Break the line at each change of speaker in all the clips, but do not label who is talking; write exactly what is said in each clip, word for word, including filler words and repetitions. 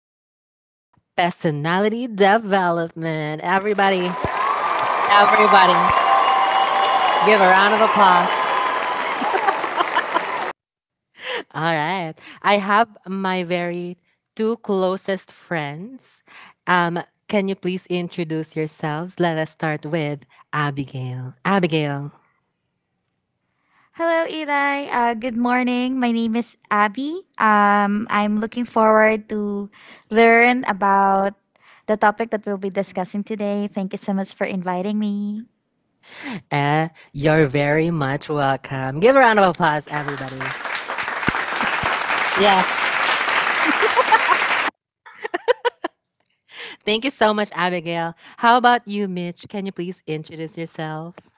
of Personality Development. Everybody, everybody, give a round of applause. All right. I have my very two closest friends. Um, can you please introduce yourselves? Let us start with Abigail. Abigail,
Hello, Eli. Uh, good morning. My name is Abby. Um, I'm looking forward to learn about the topic that we'll be discussing today. Thank you so much for inviting me.
eh, you're very much welcome. Give a round of applause, everybody. Thank you so much, Abigail. How about you, Mitch? Can you please introduce yourself?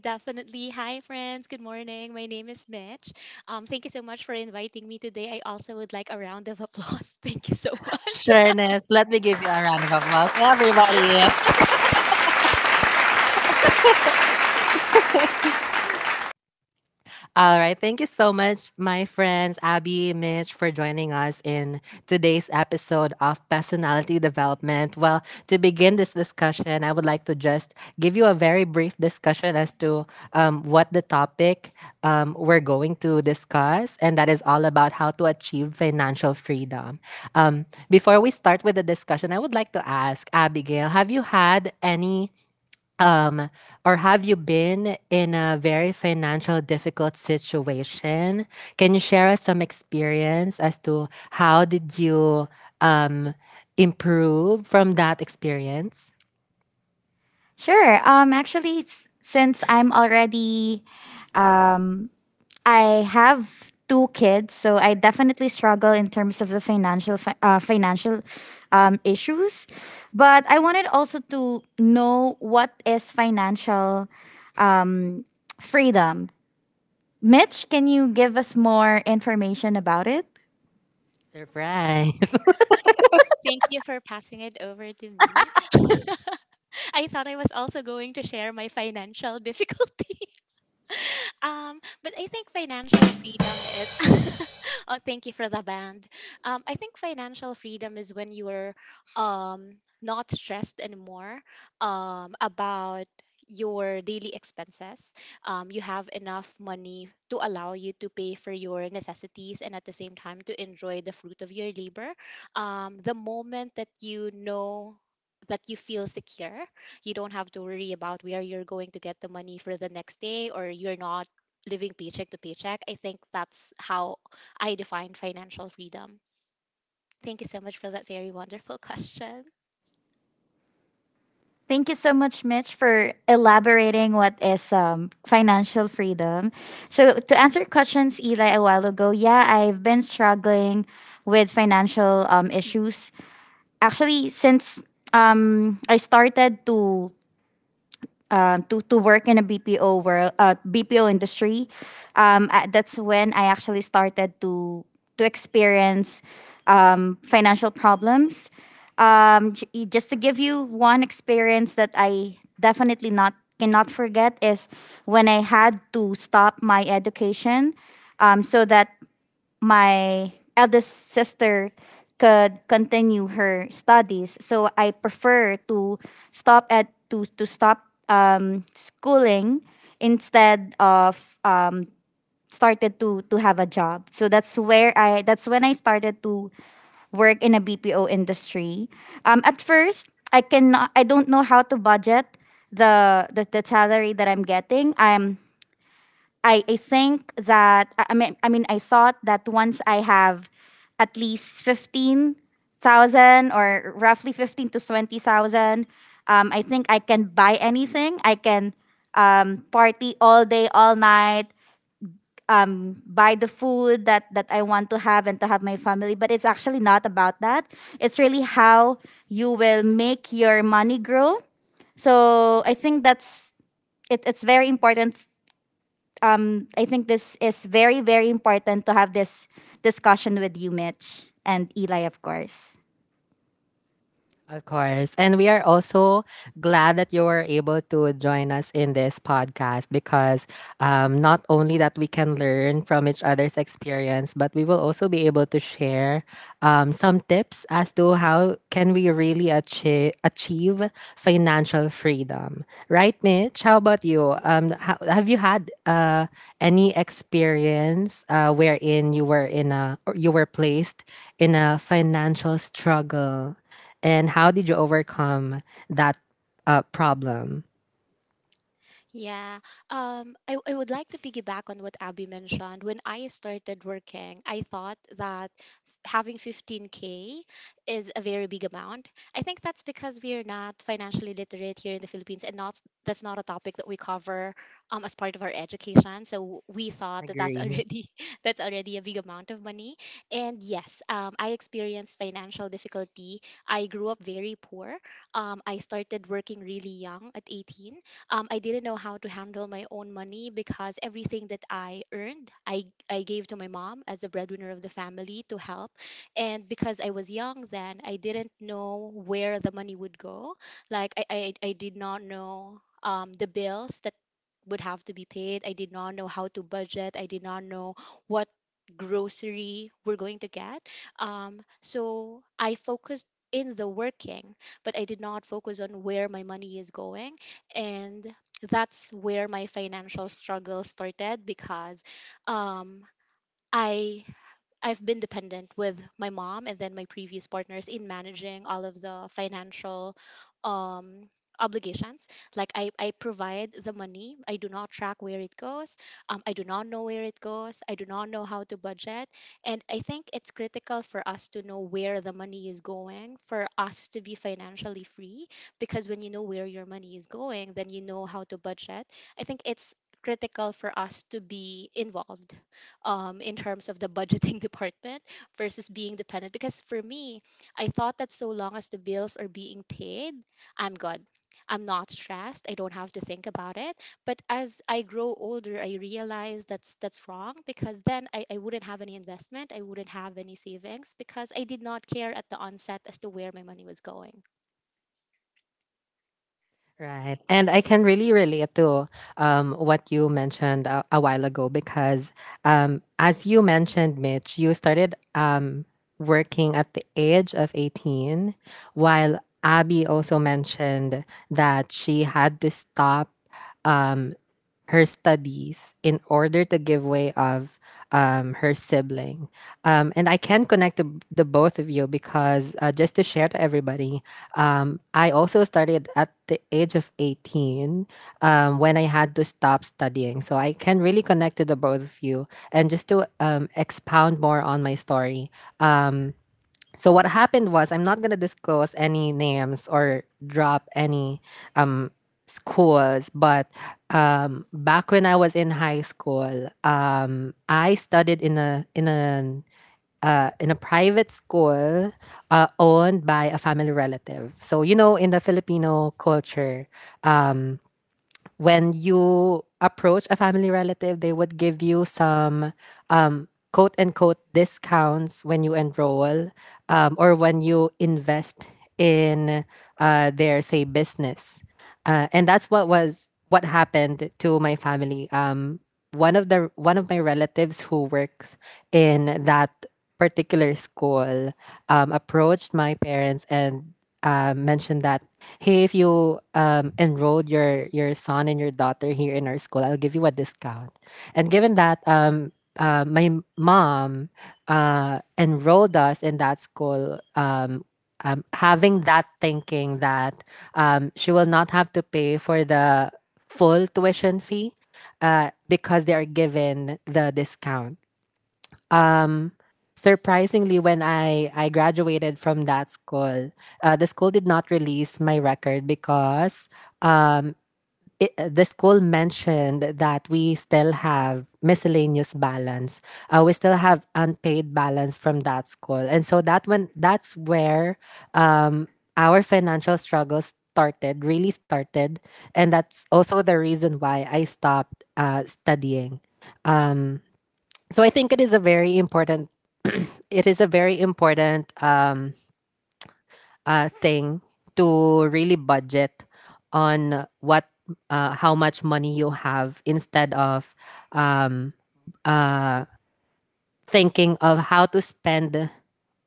Definitely. Hi, friends. Good morning. My name is Mitch. Um, thank you so much for inviting me today. I also would like a round of applause. Thank you so much.
Sureness, let me give you a round of applause, everybody. All right. Thank you so much, my friends, Abby, Mitch, for joining us in today's episode of Personality Development. Well, to begin this discussion, I would like to just give you a very brief discussion as to um, what the topic um, we're going to discuss, and that is all about how to achieve financial freedom. Um, before we start with the discussion, I would like to ask Abigail, have you had any um, or have you been in a very financial difficult situation? Can you share us some experience as to how did you um, improve from that experience?
Sure. Um, actually, s- since I'm already um, I have two kids, so I definitely struggle in terms of the financial fi- uh, financial um, issues. But I wanted also to know what is financial um, freedom. Mitch, can you give us more information about it?
Surprise.
Thank you for passing it over to me. I thought I was also going to share my financial difficulty. Um, but I think financial freedom is oh, thank you for the band. Um, I think financial freedom is when you're um not stressed anymore um about your daily expenses. Um, you have enough money to allow you to pay for your necessities and at the same time to enjoy the fruit of your labor. Um, the moment that you know that you feel secure, you don't have to worry about where you're going to get the money for the next day, or you're not living paycheck to paycheck. I think that's how I define financial freedom. Thank you so much for that very wonderful question.
Thank you so much, Mitch, for elaborating what is um, financial freedom. So, to answer questions, Eli, a while ago, yeah, I've been struggling with financial um, issues. Actually, since um, I started to, um, to to work in a B P O world, uh, B P O industry, um, I, that's when I actually started to to experience um, financial problems. Um, j- just to give you one experience that I definitely not cannot forget is when I had to stop my education um, so that my eldest sister could continue her studies. So I prefer to stop at to to stop um, schooling instead of um, started to to have a job. So that's where I that's when I started to work in a B P O industry. Um, at first, I cannot I don't know how to budget the the, the salary that I'm getting. I'm I, I think that I I mean I mean I thought that once I have at least fifteen thousand or roughly fifteen to twenty thousand, um, I think I can buy anything. I can um, party all day, all night, um, buy the food that, that I want to have and to have my family. But it's actually not about that. It's really how you will make your money grow. So I think that's it, it's very important. um, I think this is very, very important to have this discussion with you, Mitch, and Eli, of course.
Of course. And we are also glad that you were able to join us in this podcast because um, not only that we can learn from each other's experience, but we will also be able to share um, some tips as to how can we really achieve, achieve financial freedom, right, Mitch? How about you? Um, ha- have you had uh, any experience uh, wherein you were in a, or you were placed in a financial struggle, and how did you overcome that uh, problem?
Yeah. Um, I, I would like to piggyback on what Abby mentioned. When I started working, I thought that having fifteen K is a very big amount. I think that's because we are not financially literate here in the Philippines, and not that's not a topic that we cover um, as part of our education. So we thought that that's
Agree.
already that's already a big amount of money. And yes, um, I experienced financial difficulty. I grew up very poor. Um, I started working really young at eighteen. um, I didn't know how to handle my own money because everything that I earned, I, I gave to my mom as the breadwinner of the family to help. And because I was young then, I didn't know where the money would go. Like, I, I, I did not know um, the bills that would have to be paid. I did not know how to budget. I did not know what grocery we're going to get. Um, so I focused in the working, but I did not focus on where my money is going, and that's where my financial struggle started because um, I I've been dependent with my mom and then my previous partners in managing all of the financial um, obligations. Like I, I provide the money. I do not track where it goes. Um, I do not know where it goes. I do not know how to budget. And I think it's critical for us to know where the money is going for us to be financially free. Because when you know where your money is going, then you know how to budget. I think it's critical for us to be involved um, in terms of the budgeting department versus being dependent. Because for me, I thought that so long as the bills are being paid, I'm good. I'm not stressed. I don't have to think about it. But as I grow older, I realize that's that's wrong, because then I, I wouldn't have any investment. I wouldn't have any savings because I did not care at the onset as to where my money was going.
Right. And I can really relate to um, what you mentioned a, a while ago, because um, as you mentioned, Mitch, you started um, working at the age of eighteen, while Abby also mentioned that she had to stop. Um, Her studies in order to give way of um, her sibling. Um, and I can connect the, the both of you because uh, just to share to everybody, um, I also started at the age of eighteen um, when I had to stop studying. So I can really connect to the both of you. And just to um, expound more on my story. um, so what happened was, I'm not gonna disclose any names or drop any um, schools, but um, back when I was in high school, um, I studied in a in an uh, in a private school uh, owned by a family relative. So, you know, in the Filipino culture, when you approach a family relative, they would give you some um, quote unquote discounts when you enroll um, or when you invest in uh, their, say, business. Uh, and that's what was what happened to my family. Um, one of the one of my relatives who works in that particular school um, approached my parents and uh, mentioned that, hey, if you um, enrolled your your son and your daughter here in our school, I'll give you a discount. And given that um, uh, my m- mom uh, enrolled us in that school. Um, um, having that thinking that um, she will not have to pay for the full tuition fee uh, because they are given the discount. Surprisingly, when i i graduated from that school, uh, the school did not release my record because it, the school mentioned that we still have miscellaneous balance, uh, we still have unpaid balance from that school. And so that when that's where um, our financial struggles started really started, and that's also the reason why I stopped uh, studying. So I think it is a very important it is a very important um, uh, thing to really budget on what uh, how much money you have, instead of um, uh, thinking of how to spend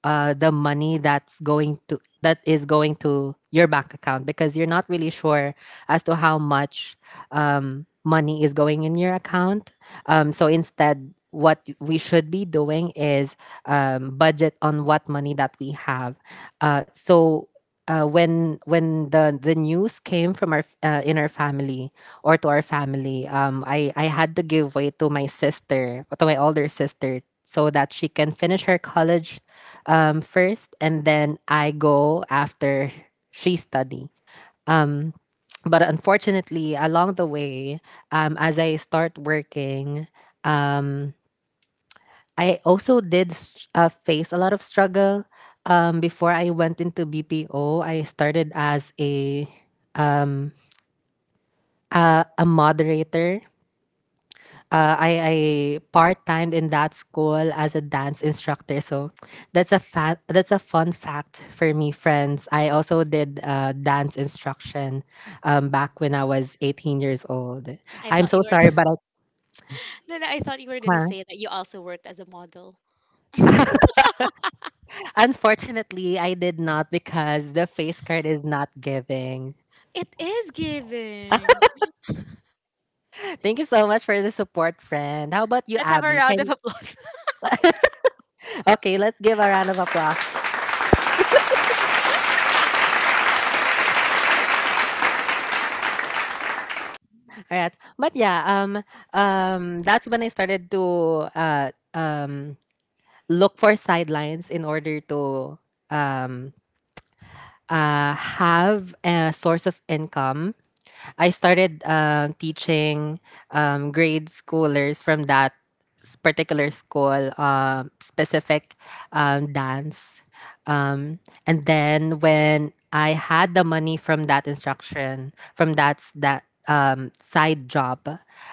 uh, the money that's going to that is going to your bank account, because you're not really sure as to how much um, money is going in your account. Um, so instead, what we should be doing is um, budget on what money that we have. Uh, so uh, when when the the news came from our f- uh, in our family or to our family, um i i had to give way to my sister, to my older sister, so that she can finish her college um first, and then I go after she study. But unfortunately, along the way, um as I start working, I also did s- uh, face a lot of struggle. Um before I went into BPO, I started as a um, uh, a moderator. Uh, I, I part timed in that school as a dance instructor, so that's a fa- that's a fun fact for me, friends. I also did uh, dance instruction um, back when I was eighteen years old.
I
I'm
thought
so
you were
sorry, but I...
no, no, I thought you were gonna
Huh?
say that you also worked as a model.
Unfortunately, I did not, because the face card is not giving.
It is giving.
Thank you so much for the support, friend. How about you,
Let's have a
Abby?
round of
Can...
applause.
Okay, let's give a round of applause. All right. But yeah, um um that's when I started to uh um look for sidelines in order to uh have a source of income. I started um teaching um grade schoolers from that s- particular school, um specific um dance. Um and then when I had the money from that instruction, from that that um, side job.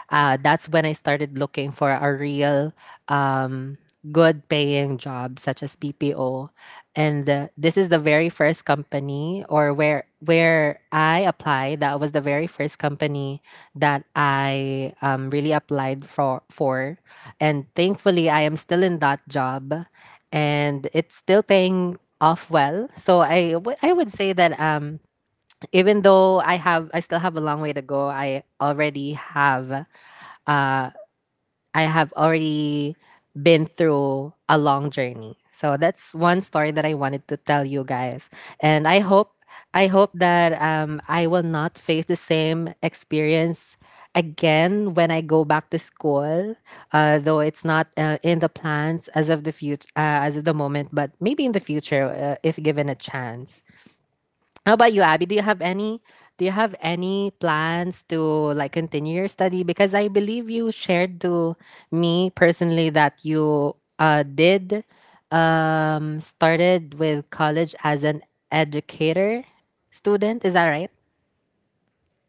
Uh, that's when I started looking for a real um, good paying job, such as P P O. And uh, this is the very first company, or where where I applied. That was the very first company that I um, really applied for for, and thankfully I am still in that job, and it's still paying off well. So I, w- I would say that um even though I have I still have a long way to go, I already have uh I have already been through a long journey. So that's one story that I wanted to tell you guys. And I hope I hope that um I will not face the same experience again when I go back to school. Uh, though it's not uh, in the plans as of the future uh, as of the moment, but maybe in the future, uh, if given a chance. How about you, Abby? Do you have any do you have any plans to, like, continue your study? Because I believe you shared to me personally that you uh did um started with college as an educator student. Is that right?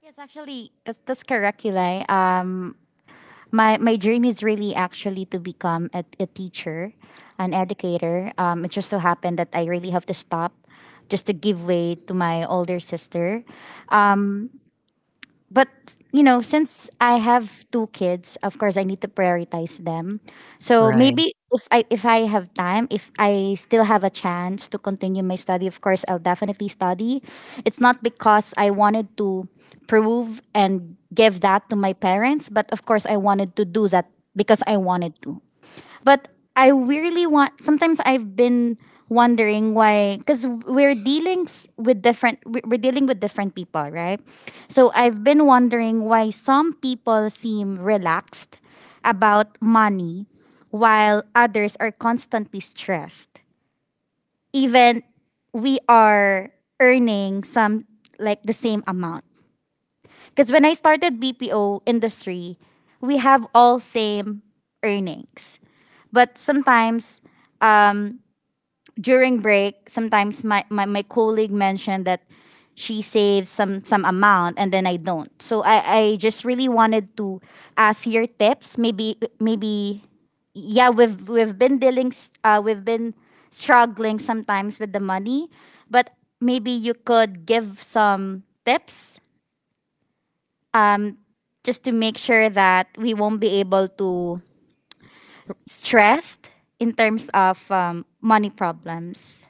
Yes, actually, that's, that's correct, Eli. Um, my, my dream is really actually to become a, a teacher, an educator. Um, it just so happened that I really have to stop just to give way to my older sister. but you know, since I have two kids, of course I need to prioritize them. So
Right.
maybe if I if I have time, if I still have a chance to continue my study, of course I'll definitely study. It's not because I wanted to prove and give that to my parents, but of course I wanted to do that because I wanted to. But I really want. Sometimes I've been wondering why, because we're dealing s- with different. we- We're dealing with different people, right? So I've been wondering why some people seem relaxed about money, while others are constantly stressed. Even we are earning some like the same amount. Because when I started B P O industry, we have all same earnings. But sometimes during break, sometimes my, my, my colleague mentioned that she saves some some amount and then I don't. So I, I just really wanted to ask your tips. Maybe maybe yeah, we've we've been dealing s- uh, we've been struggling sometimes with the money, but maybe you could give some tips just to make sure that we won't be able to stressed in terms of um, money problems.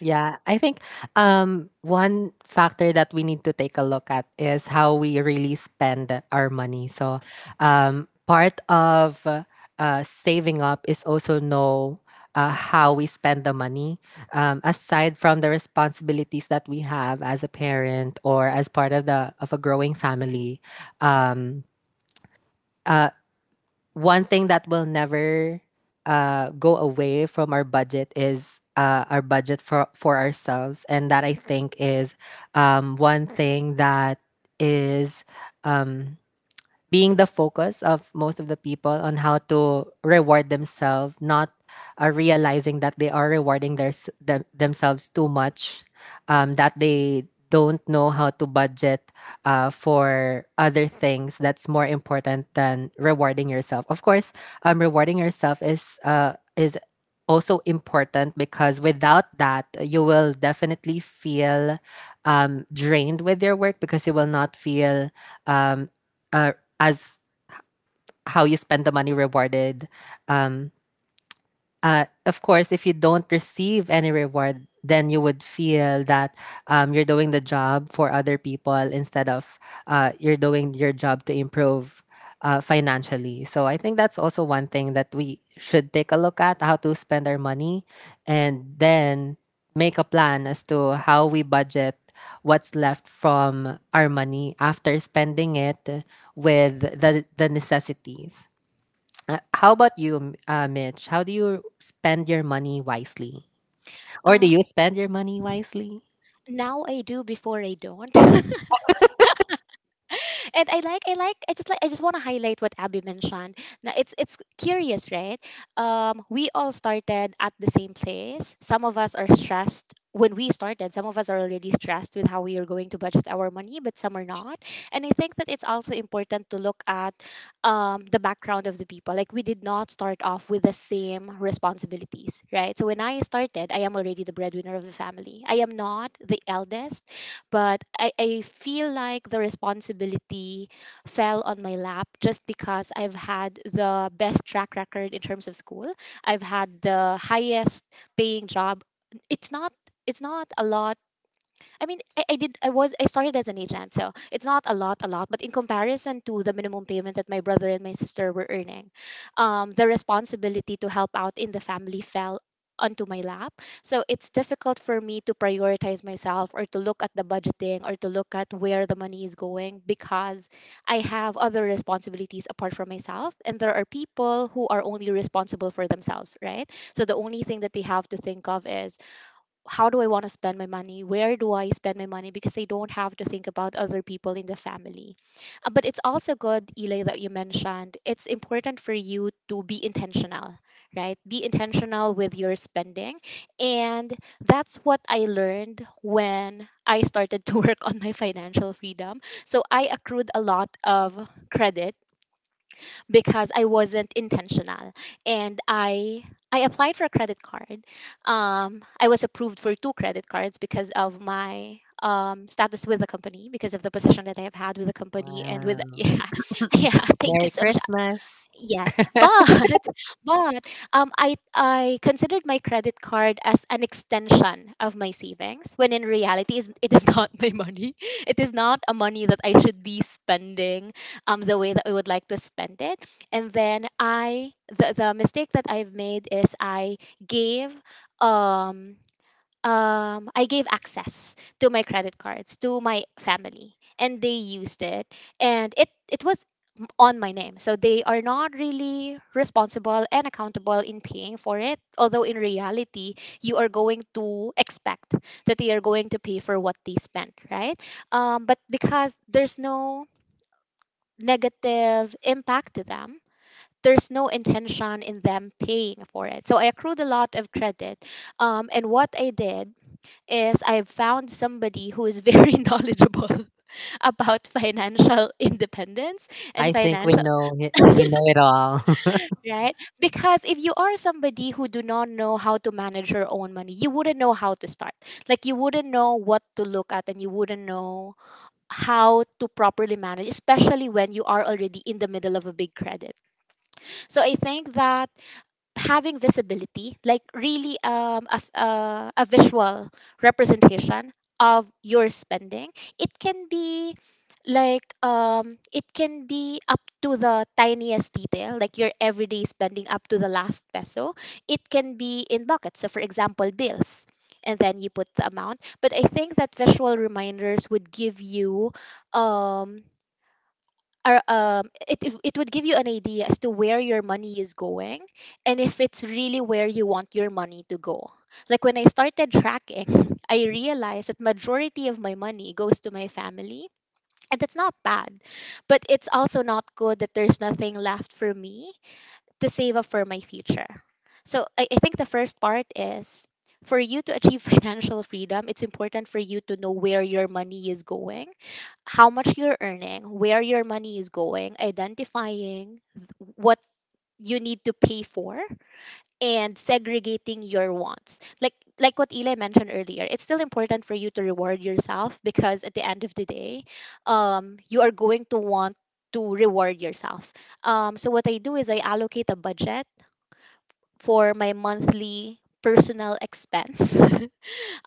Yeah, I think um, one factor that we need to take a look at is how we really spend our money. So, um, part of uh, uh, saving up is also know uh, how we spend the money. Um, aside from the responsibilities that we have as a parent or as part of the of a growing family, um, one thing that will never uh, go away from our budget is uh, our budget for for ourselves, and that I think is um, one thing that is um, being the focus of most of the people on how to reward themselves, not uh, realizing that they are rewarding their, s- them themselves too much, um, that they don't know how to budget uh, for other things that's more important than rewarding yourself. Of course, um, rewarding yourself is uh, is also important, because without that, you will definitely feel um, drained with your work, because you will not feel um, uh, as how you spend the money rewarded. um, uh, of course, if you don't receive any reward, then you would feel that um, you're doing the job for other people instead of uh, you're doing your job to improve uh, financially. So I think that's also one thing that we should take a look at, how to spend our money, and then make a plan as to how we budget what's left from our money after spending it with the, the necessities. Uh, How about you, uh, Mitch? How do you spend your money wisely? Or do
Uh,
you spend your money wisely?
Now I do, before I don't. And I like I like I just like I just want to highlight what Abby mentioned. Now it's it's curious, right? Um we all started at the same place. Some of us are stressed when we started. Some of us are already stressed with how we are going to budget our money, but some are not. And I think that it's also important to look at um the background of the people. Like we did not start off with the same responsibilities, right? So when I started, I am already the breadwinner of the family. I am not the eldest, but I, I feel like the responsibility fell on my lap just because I've had the best track record in terms of school. I've had the highest paying job. It's not, it's not a lot I mean, I, I did. I was. I started as an agent, so it's not a lot, a lot. But in comparison to the minimum payment that my brother and my sister were earning, um, the responsibility to help out in the family fell onto my lap. So it's difficult for me to prioritize myself or to look at the budgeting or to look at where the money is going because I have other responsibilities apart from myself. And there are people who are only responsible for themselves, right? So the only thing that they have to think of is, how do I want to spend my money? Where do I spend my money? Because I don't have to think about other people in the family. Uh, but it's also good, Eli, that you mentioned it's important for you to be intentional, right? Be intentional with your spending. And that's what I learned when I started to work on my financial freedom. So I accrued a lot of credit because I wasn't intentional. And I I applied for a credit card. Um, I was approved for two credit cards because of my um, status with the company, because of the position that I have had with the company, and with
Wow.
yeah, yeah. Thank you
Merry
so much.
Christmas.
Yes, but but um, I I considered my credit card as an extension of my savings, when in reality, is it is not my money. It is not a money that I should be spending um the way that I would like to spend it. And then I the the mistake that I've made is I gave um um, I gave access to my credit cards to my family, and they used it, and it it was m- on my name, so they are not really responsible and accountable in paying for it. Although in reality, you are going to expect that they are going to pay for what they spent, right? Um, but because there's no negative impact to them. There's no intention in them paying for it. So I accrued a lot of credit. Um, and what I did is I've found somebody who is very knowledgeable about financial independence
I
and
think we
financial,
know it, we know it all.
right? Because if you are somebody who do not know how to manage your own money, you wouldn't know how to start. Like you wouldn't know what to look at, and you wouldn't know how to properly manage, especially when you are already in the middle of a big credit. So I think that having visibility, like really um, a, a, a visual representation of your spending, it can be like um, it can be up to the tiniest detail, like your everyday spending up to the last peso. It can be in buckets. So, for example, bills. And then you put the amount. But I think that visual reminders would give you um, are um it, it it would give you an idea as to where your money is going, and if it's really where you want your money to go. Like when I started tracking, I realized that majority of my money goes to my family, and that's not bad, but it's also not good that there's nothing left for me to save up for my future. So i, I think the first part is, for you to achieve financial freedom, it's important for you to know where your money is going, how much you're earning, where your money is going, identifying what you need to pay for, and segregating your wants. Like like what Eli mentioned earlier, it's still important for you to reward yourself because at the end of the day, um, you are going to want to reward yourself. Um, so what I do is I allocate a budget for my monthly personal expense.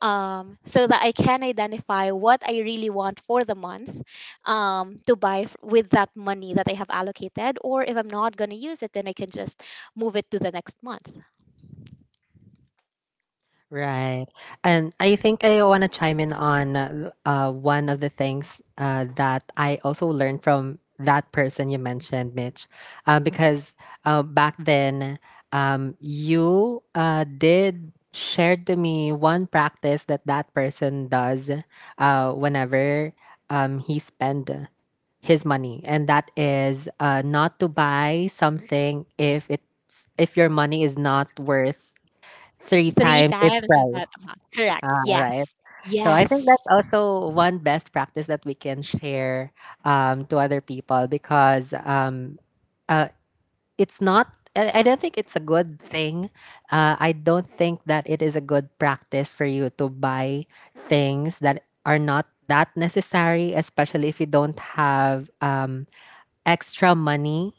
um, So that I can identify what I really want for the month, um, to buy f- with that money that I have allocated. Or if I'm not going to use it, then I can just move it to the next month.
Right. And I think I want to chime in on uh, uh, one of the things uh, that I also learned from that person you mentioned, Mitch, uh, because uh, back then, um, you uh, did share to me one practice that that person does uh, whenever um, he spend his money, and that is uh, not to buy something if it's if your money is not worth three
Three
times its
times of that
price.
amount. Correct.
Ah, right.
Yes.
So I think that's
Yes.
also one best practice that we can share um, to other people, because um, uh, it's not. I I don't think it's a good thing. Uh, I don't think that it is a good practice for you to buy things that are not that necessary, especially if you don't have um, extra money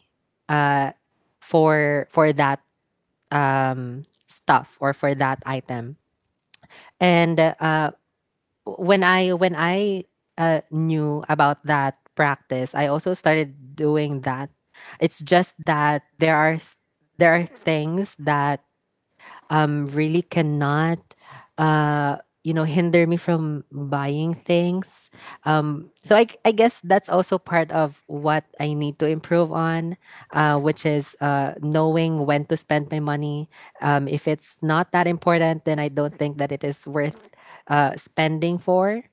uh, for for that um, stuff or for that item. And uh, when I when I uh, knew about that practice, I also started doing that. It's just that there are s- there are things that um really cannot uh you know hinder me from buying things. Um so I I guess that's also part of what I need to improve on, uh which is uh knowing when to spend my money. Um if it's not that important, then I don't think that it is worth uh spending for.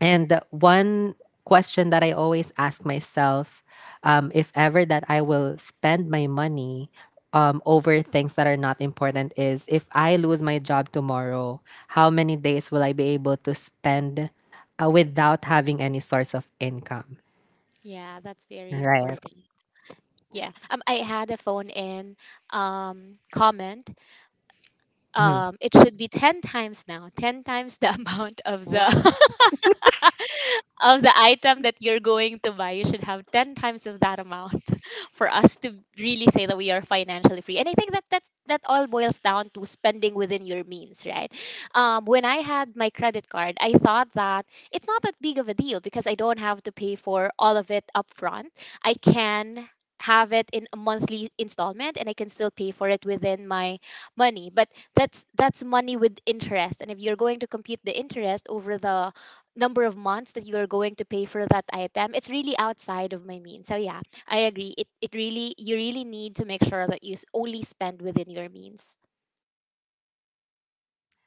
And one question that I always ask myself, um, if ever that I will spend my money um, over things that are not important, is if I lose my job tomorrow, how many days will I be able to spend uh, without having any source of income?
Yeah, that's very
Right.
important. Yeah. Um, I had a phone in um, comment,
Mhm.
um, it should be ten times, now ten times the amount of the
Wow.
of the item that you're going to buy, you should have ten times of that amount for us to really say that we are financially free. And I think that that that all boils down to spending within your means, right? Um, when I had my credit card, I thought that it's not that big of a deal because I don't have to pay for all of it upfront. I can have it in a monthly installment, and I can still pay for it within my money. But that's that's money with interest, and if you're going to compute the interest over the number of months that you are going to pay for that item, it's really outside of my means. So yeah, I agree. it, it really You really need to make sure that you s- only spend within your means.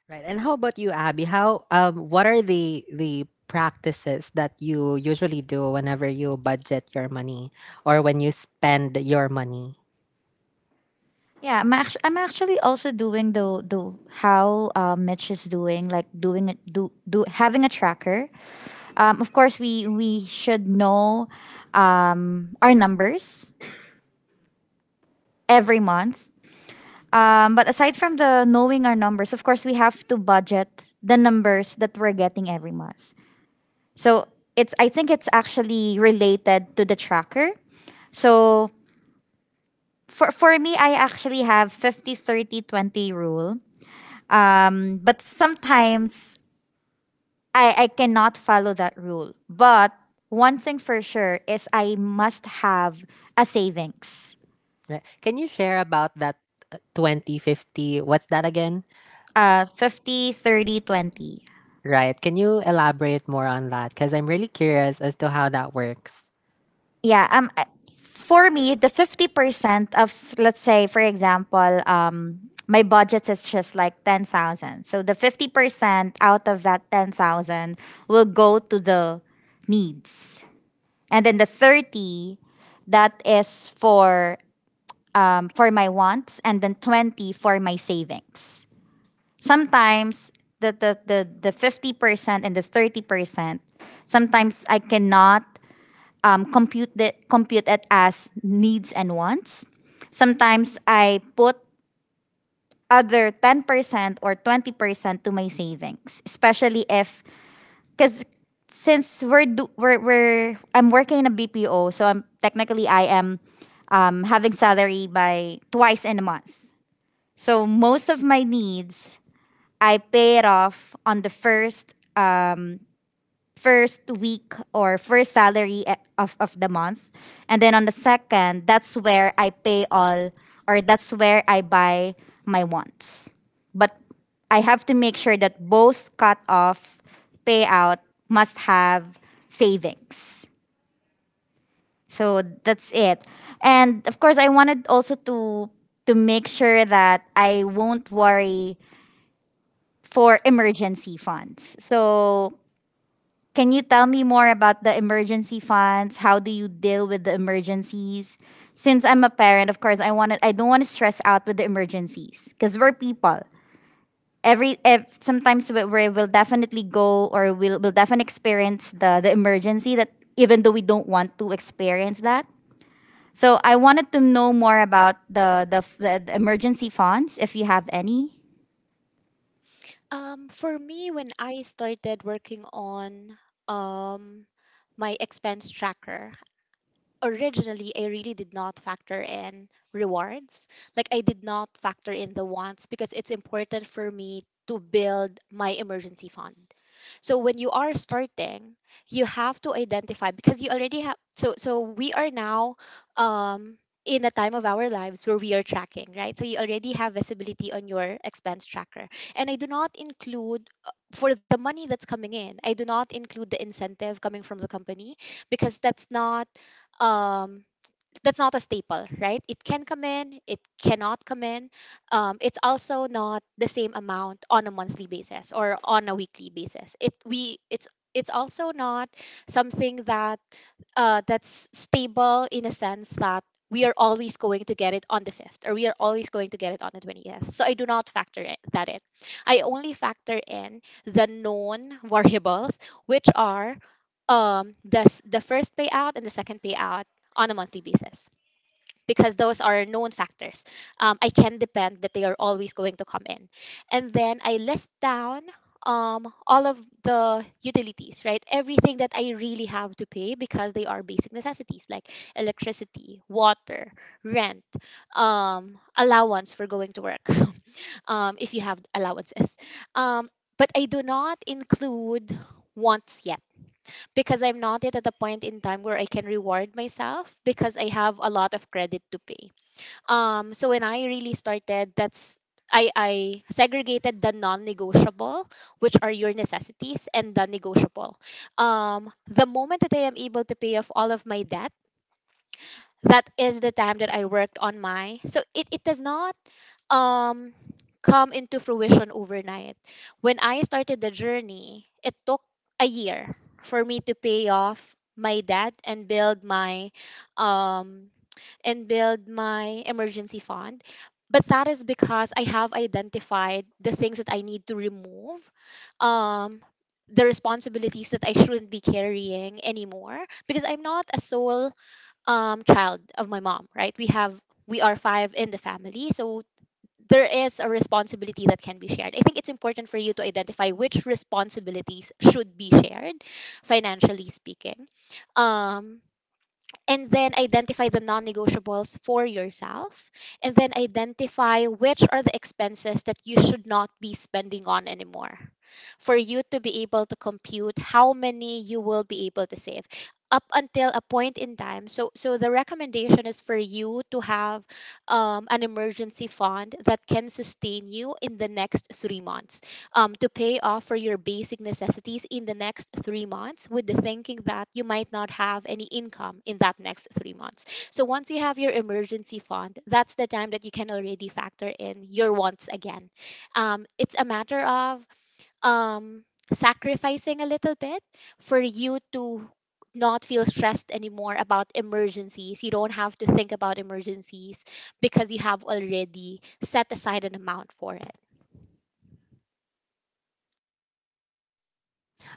Right. And how about you, Abby? How um what are the the practices that you usually do whenever you budget your money or when you spend your money?
Yeah, I'm actually, I'm actually also doing the the how uh, Mitch is doing, like doing it do do having a tracker. Um, of course, we we should know um, our numbers every month. Um, but aside from the knowing our numbers, of course, we have to budget the numbers that we're getting every month. So it's I think it's actually related to the tracker. So for for me, I actually have fifty thirty twenty rule. Um, but sometimes I, I cannot follow that rule. But one thing for sure is I must have a savings.
Right. Can you share about that uh, twenty fifty? What's that again?
Uh, fifty, thirty, twenty.
Right. Can you elaborate more on that? Because I'm really curious as to how that works.
Yeah, um I- for me the fifty percent of let's say for example, um my budget is just like ten thousand. So the fifty percent out of that ten thousand will go to the needs. And then the thirty that is for um, for my wants and then twenty for my savings. Sometimes the, the, the, the fifty percent and the thirty percent, sometimes I cannot um, compute, the, compute it as needs and wants. Sometimes I put other ten percent or twenty percent to my savings, especially if, because since we're, do, we're, we're, I'm working in a B P O, so I'm technically I am um, having salary by twice in a month. So most of my needs, I pay it off on the first first week or first salary, eh, of, of the month. And then on the second, that's where I pay all or that's where I buy my wants. But I have to make sure that both cut off payout must have savings. So that's it. And of course I wanted also to to make sure that I won't worry for emergency funds. So, can you tell me more about the emergency funds? How do you deal with the emergencies? Since I'm a parent, of course, I want I don't want to stress out with the emergencies because we're people. Every ev- sometimes we we will definitely go or we'll will definitely experience the the emergency that even though we don't want to experience that. So I wanted to know more about the the, the the emergency funds if you have any.
um For me, when I started working on um my expense tracker, originally I really did not factor in rewards. Like I did not factor in the wants, because it's important for me to build my emergency fund. So when you are starting, you have to identify, because you already have, so so we are now um in a time of our lives where we are tracking, right? So you already have visibility on your expense tracker. And I do not include, uh, for the money that's coming in, I do not include the incentive coming from the company, because that's not um that's not a staple, right? It can come in, it cannot come in. Um, it's also not the same amount on a monthly basis or on a weekly basis. It we it's it's also not something that uh, that's stable, in a sense that we are always going to get it on the fifth, or we are always going to get it on the twentieth. So I do not factor it, that in. I only factor in the known variables, which are um, the, s- the first payout and the second payout on a monthly basis, because those are known factors. Um, I can depend that they are always going to come in. And then I list down um, all of the utilities, right? Everything that I really have to pay, because they are basic necessities like electricity, water, rent, um, allowance for going to work, um, if you have allowances. Um, but I do not include wants yet, because I'm not yet at the point in time where I can reward myself, because I have a lot of credit to pay. Um, so when I really started, that's I, I segregated the non-negotiable, which are your necessities, and the negotiable. Um, the moment that I am able to pay off all of my debt, that is the time that I worked on my. So it, it does not um come into fruition overnight. When I started the journey, it took a year for me to pay off my debt and build my um and build my emergency fund. But that is because I have identified the things that I need to remove, um, the responsibilities that I shouldn't be carrying anymore. Because I'm not a sole um, child of my mom, right? We have we are five in the family, so there is a responsibility that can be shared. I think it's important for you to identify which responsibilities should be shared, financially speaking. Um, and then identify the non-negotiables for yourself, and then identify which are the expenses that you should not be spending on anymore, for you to be able to compute how many you will be able to save up until a point in time, so so the recommendation is for you to have um, an emergency fund that can sustain you in the next three months, um, to pay off for your basic necessities in the next three months, with the thinking that you might not have any income in that next three months. So once you have your emergency fund, that's the time that you can already factor in your wants again. Um, it's a matter of um, sacrificing a little bit for you to not feel stressed anymore about emergencies. You don't have to think about emergencies, because you have already set aside an amount for it.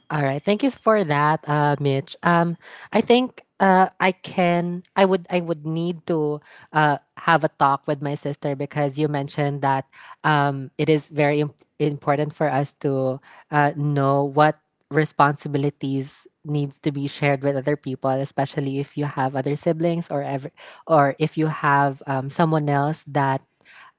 All right. Thank you for that, uh, Mitch. Um, I think uh, I can. I would. I would need to uh, have a talk with my sister because you mentioned that, um, it is very imp- important for us to uh, know what responsibilities needs to be shared with other people, especially if you have other siblings or ever, or if you have, um, someone else that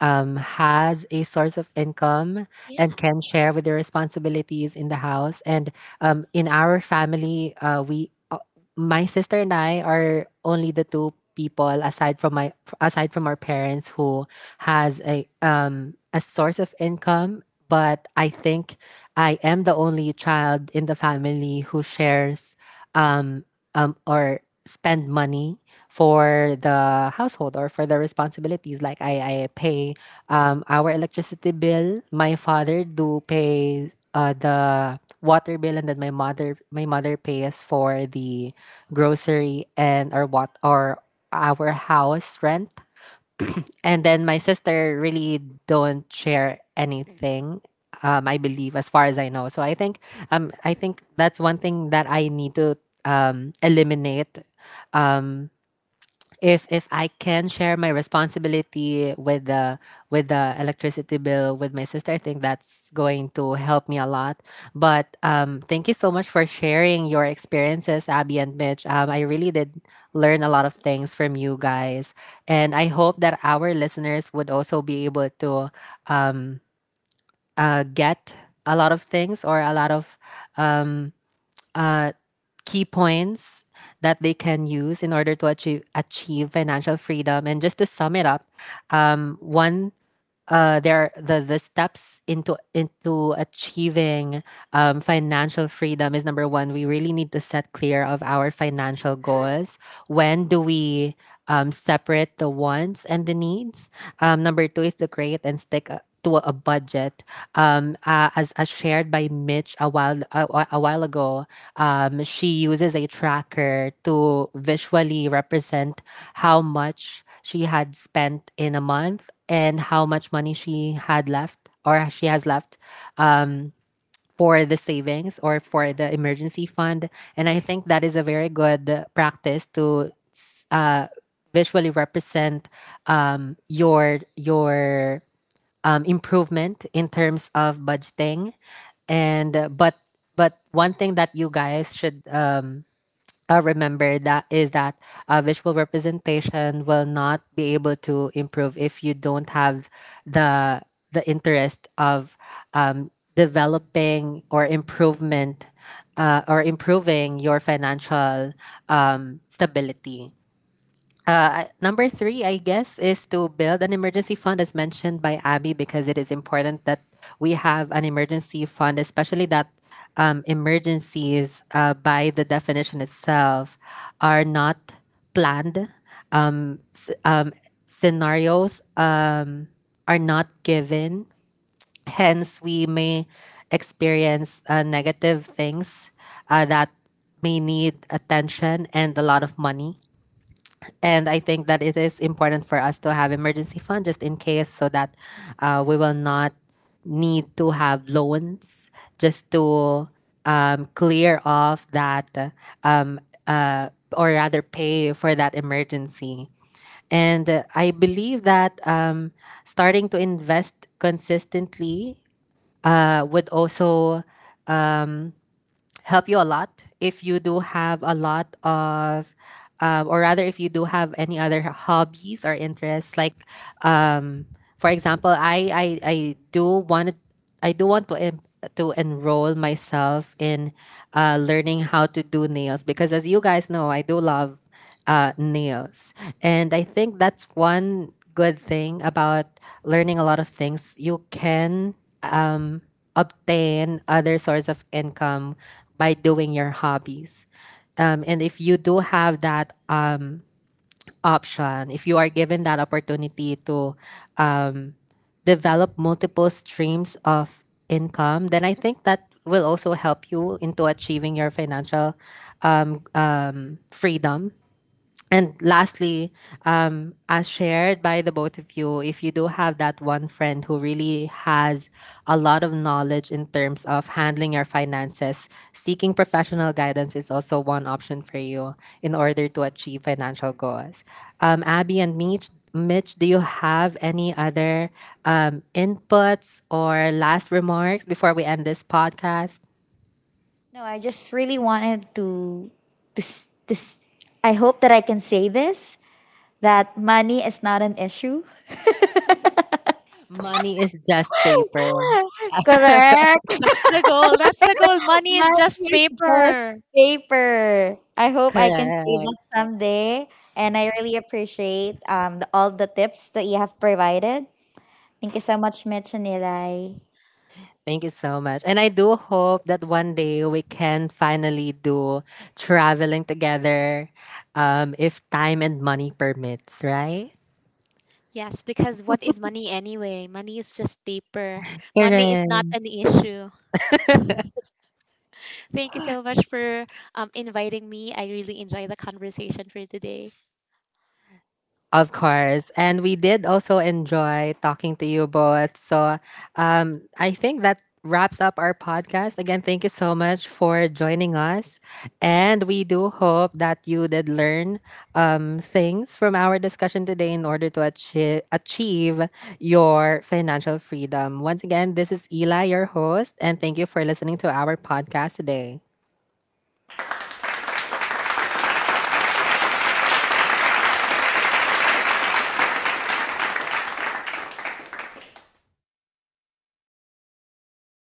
um, has a source of income and can share with the responsibilities in the house. And um, in our family, uh, we, uh, my sister and I are only the two people aside from my, aside from our parents who has a um a source of income. But I think I am the only child in the family who shares um um or spend money for the household or for the responsibilities. Like I, I pay um, our electricity bill. My father do pay uh, the water bill, and then my mother my mother pays for the grocery and our what, or our house rent. And then my sister really don't share anything. Um, I believe, as far as I know. So I think, um, I think that's one thing that I need to um eliminate, um, if if I can share my responsibility with the with the electricity bill with my sister. I think that's going to help me a lot. But um, thank you so much for sharing your experiences, Abby and Mitch. Um, I really did learn a lot of things from you guys, and I hope that our listeners would also be able to um, uh, get a lot of things or a lot of um, uh, key points that they can use in order to achieve, achieve financial freedom. And just to sum it up, um, one uh, there the the steps into into achieving um, financial freedom is number one. We really need to set clear of our financial goals. When do we um, separate the wants and the needs? Um, number two is to create and stick. A- to a budget, um, uh, as, as shared by Mitch a while a, a a while ago. Um, she uses a tracker to visually represent how much she had spent in a month and how much money she had left or she has left um, for the savings or for the emergency fund. And I think that is a very good practice to s- uh, visually represent um, your your um, improvement in terms of budgeting. And uh, but but one thing that you guys should um, uh, remember that is that uh, visual representation will not be able to improve if you don't have the the interest of um, developing or improvement uh, or improving your financial um, stability. Number three, I guess, is to build an emergency fund, as mentioned by Abby, because it is important that we have an emergency fund, especially that, um, emergencies, uh, by the definition itself, are not planned. Um, s- um, Scenarios, um, are not given. Hence, we may experience uh, negative things uh, that may need attention and a lot of money. And I think that it is important for us to have emergency fund just in case, so that uh, we will not need to have loans just to um, clear off that um, uh, or rather pay for that emergency. And uh, I believe that um, starting to invest consistently uh, would also help you a lot if you do have a lot of um, or rather if you do have any other hobbies or interests like um, for example, i i, I do want, i do want to em- to enroll myself in uh, learning how to do nails, because as you guys know, I do love uh, nails. And I think that's one good thing about learning a lot of things: you can obtain other source of income by doing your hobbies. Um, and if you do have that option, if you are given that opportunity to develop multiple streams of income, then I think that will also help you into achieving your financial um, freedom. And lastly, um, as shared by the both of you, if you do have that one friend who really has a lot of knowledge in terms of handling your finances, seeking professional guidance is also one option for you in order to achieve financial goals. Um, Abby and Mitch, Mitch, do you have any other um, inputs or last remarks before we end this podcast?
No, I just really wanted to this this I hope that I can say this that money is not an issue.
Money is just paper.
Correct.
That's the goal. That's the goal. Money is just
Money is just
paper.
paper. I hope I can say
Correct.
that someday and I really appreciate um the, all the tips that you have provided. Thank you so much, Mitch and Eli.
Thank you so much. And I do hope that one day we can finally do traveling together, um, if time and money permits, right?
Yes, because what is money anyway? Money is just paper. Money is not an
Correct.
issue. Thank you so much for um, inviting me. I really enjoy the conversation for today.
Of course. And we did also enjoy talking to you both. So um, I think that wraps up our podcast. Again, thank you so much for joining us. And we do hope that you did learn um, things from our discussion today in order to achieve, achieve your financial freedom. Once again, this is Ela, your host. And thank you for listening to our podcast today.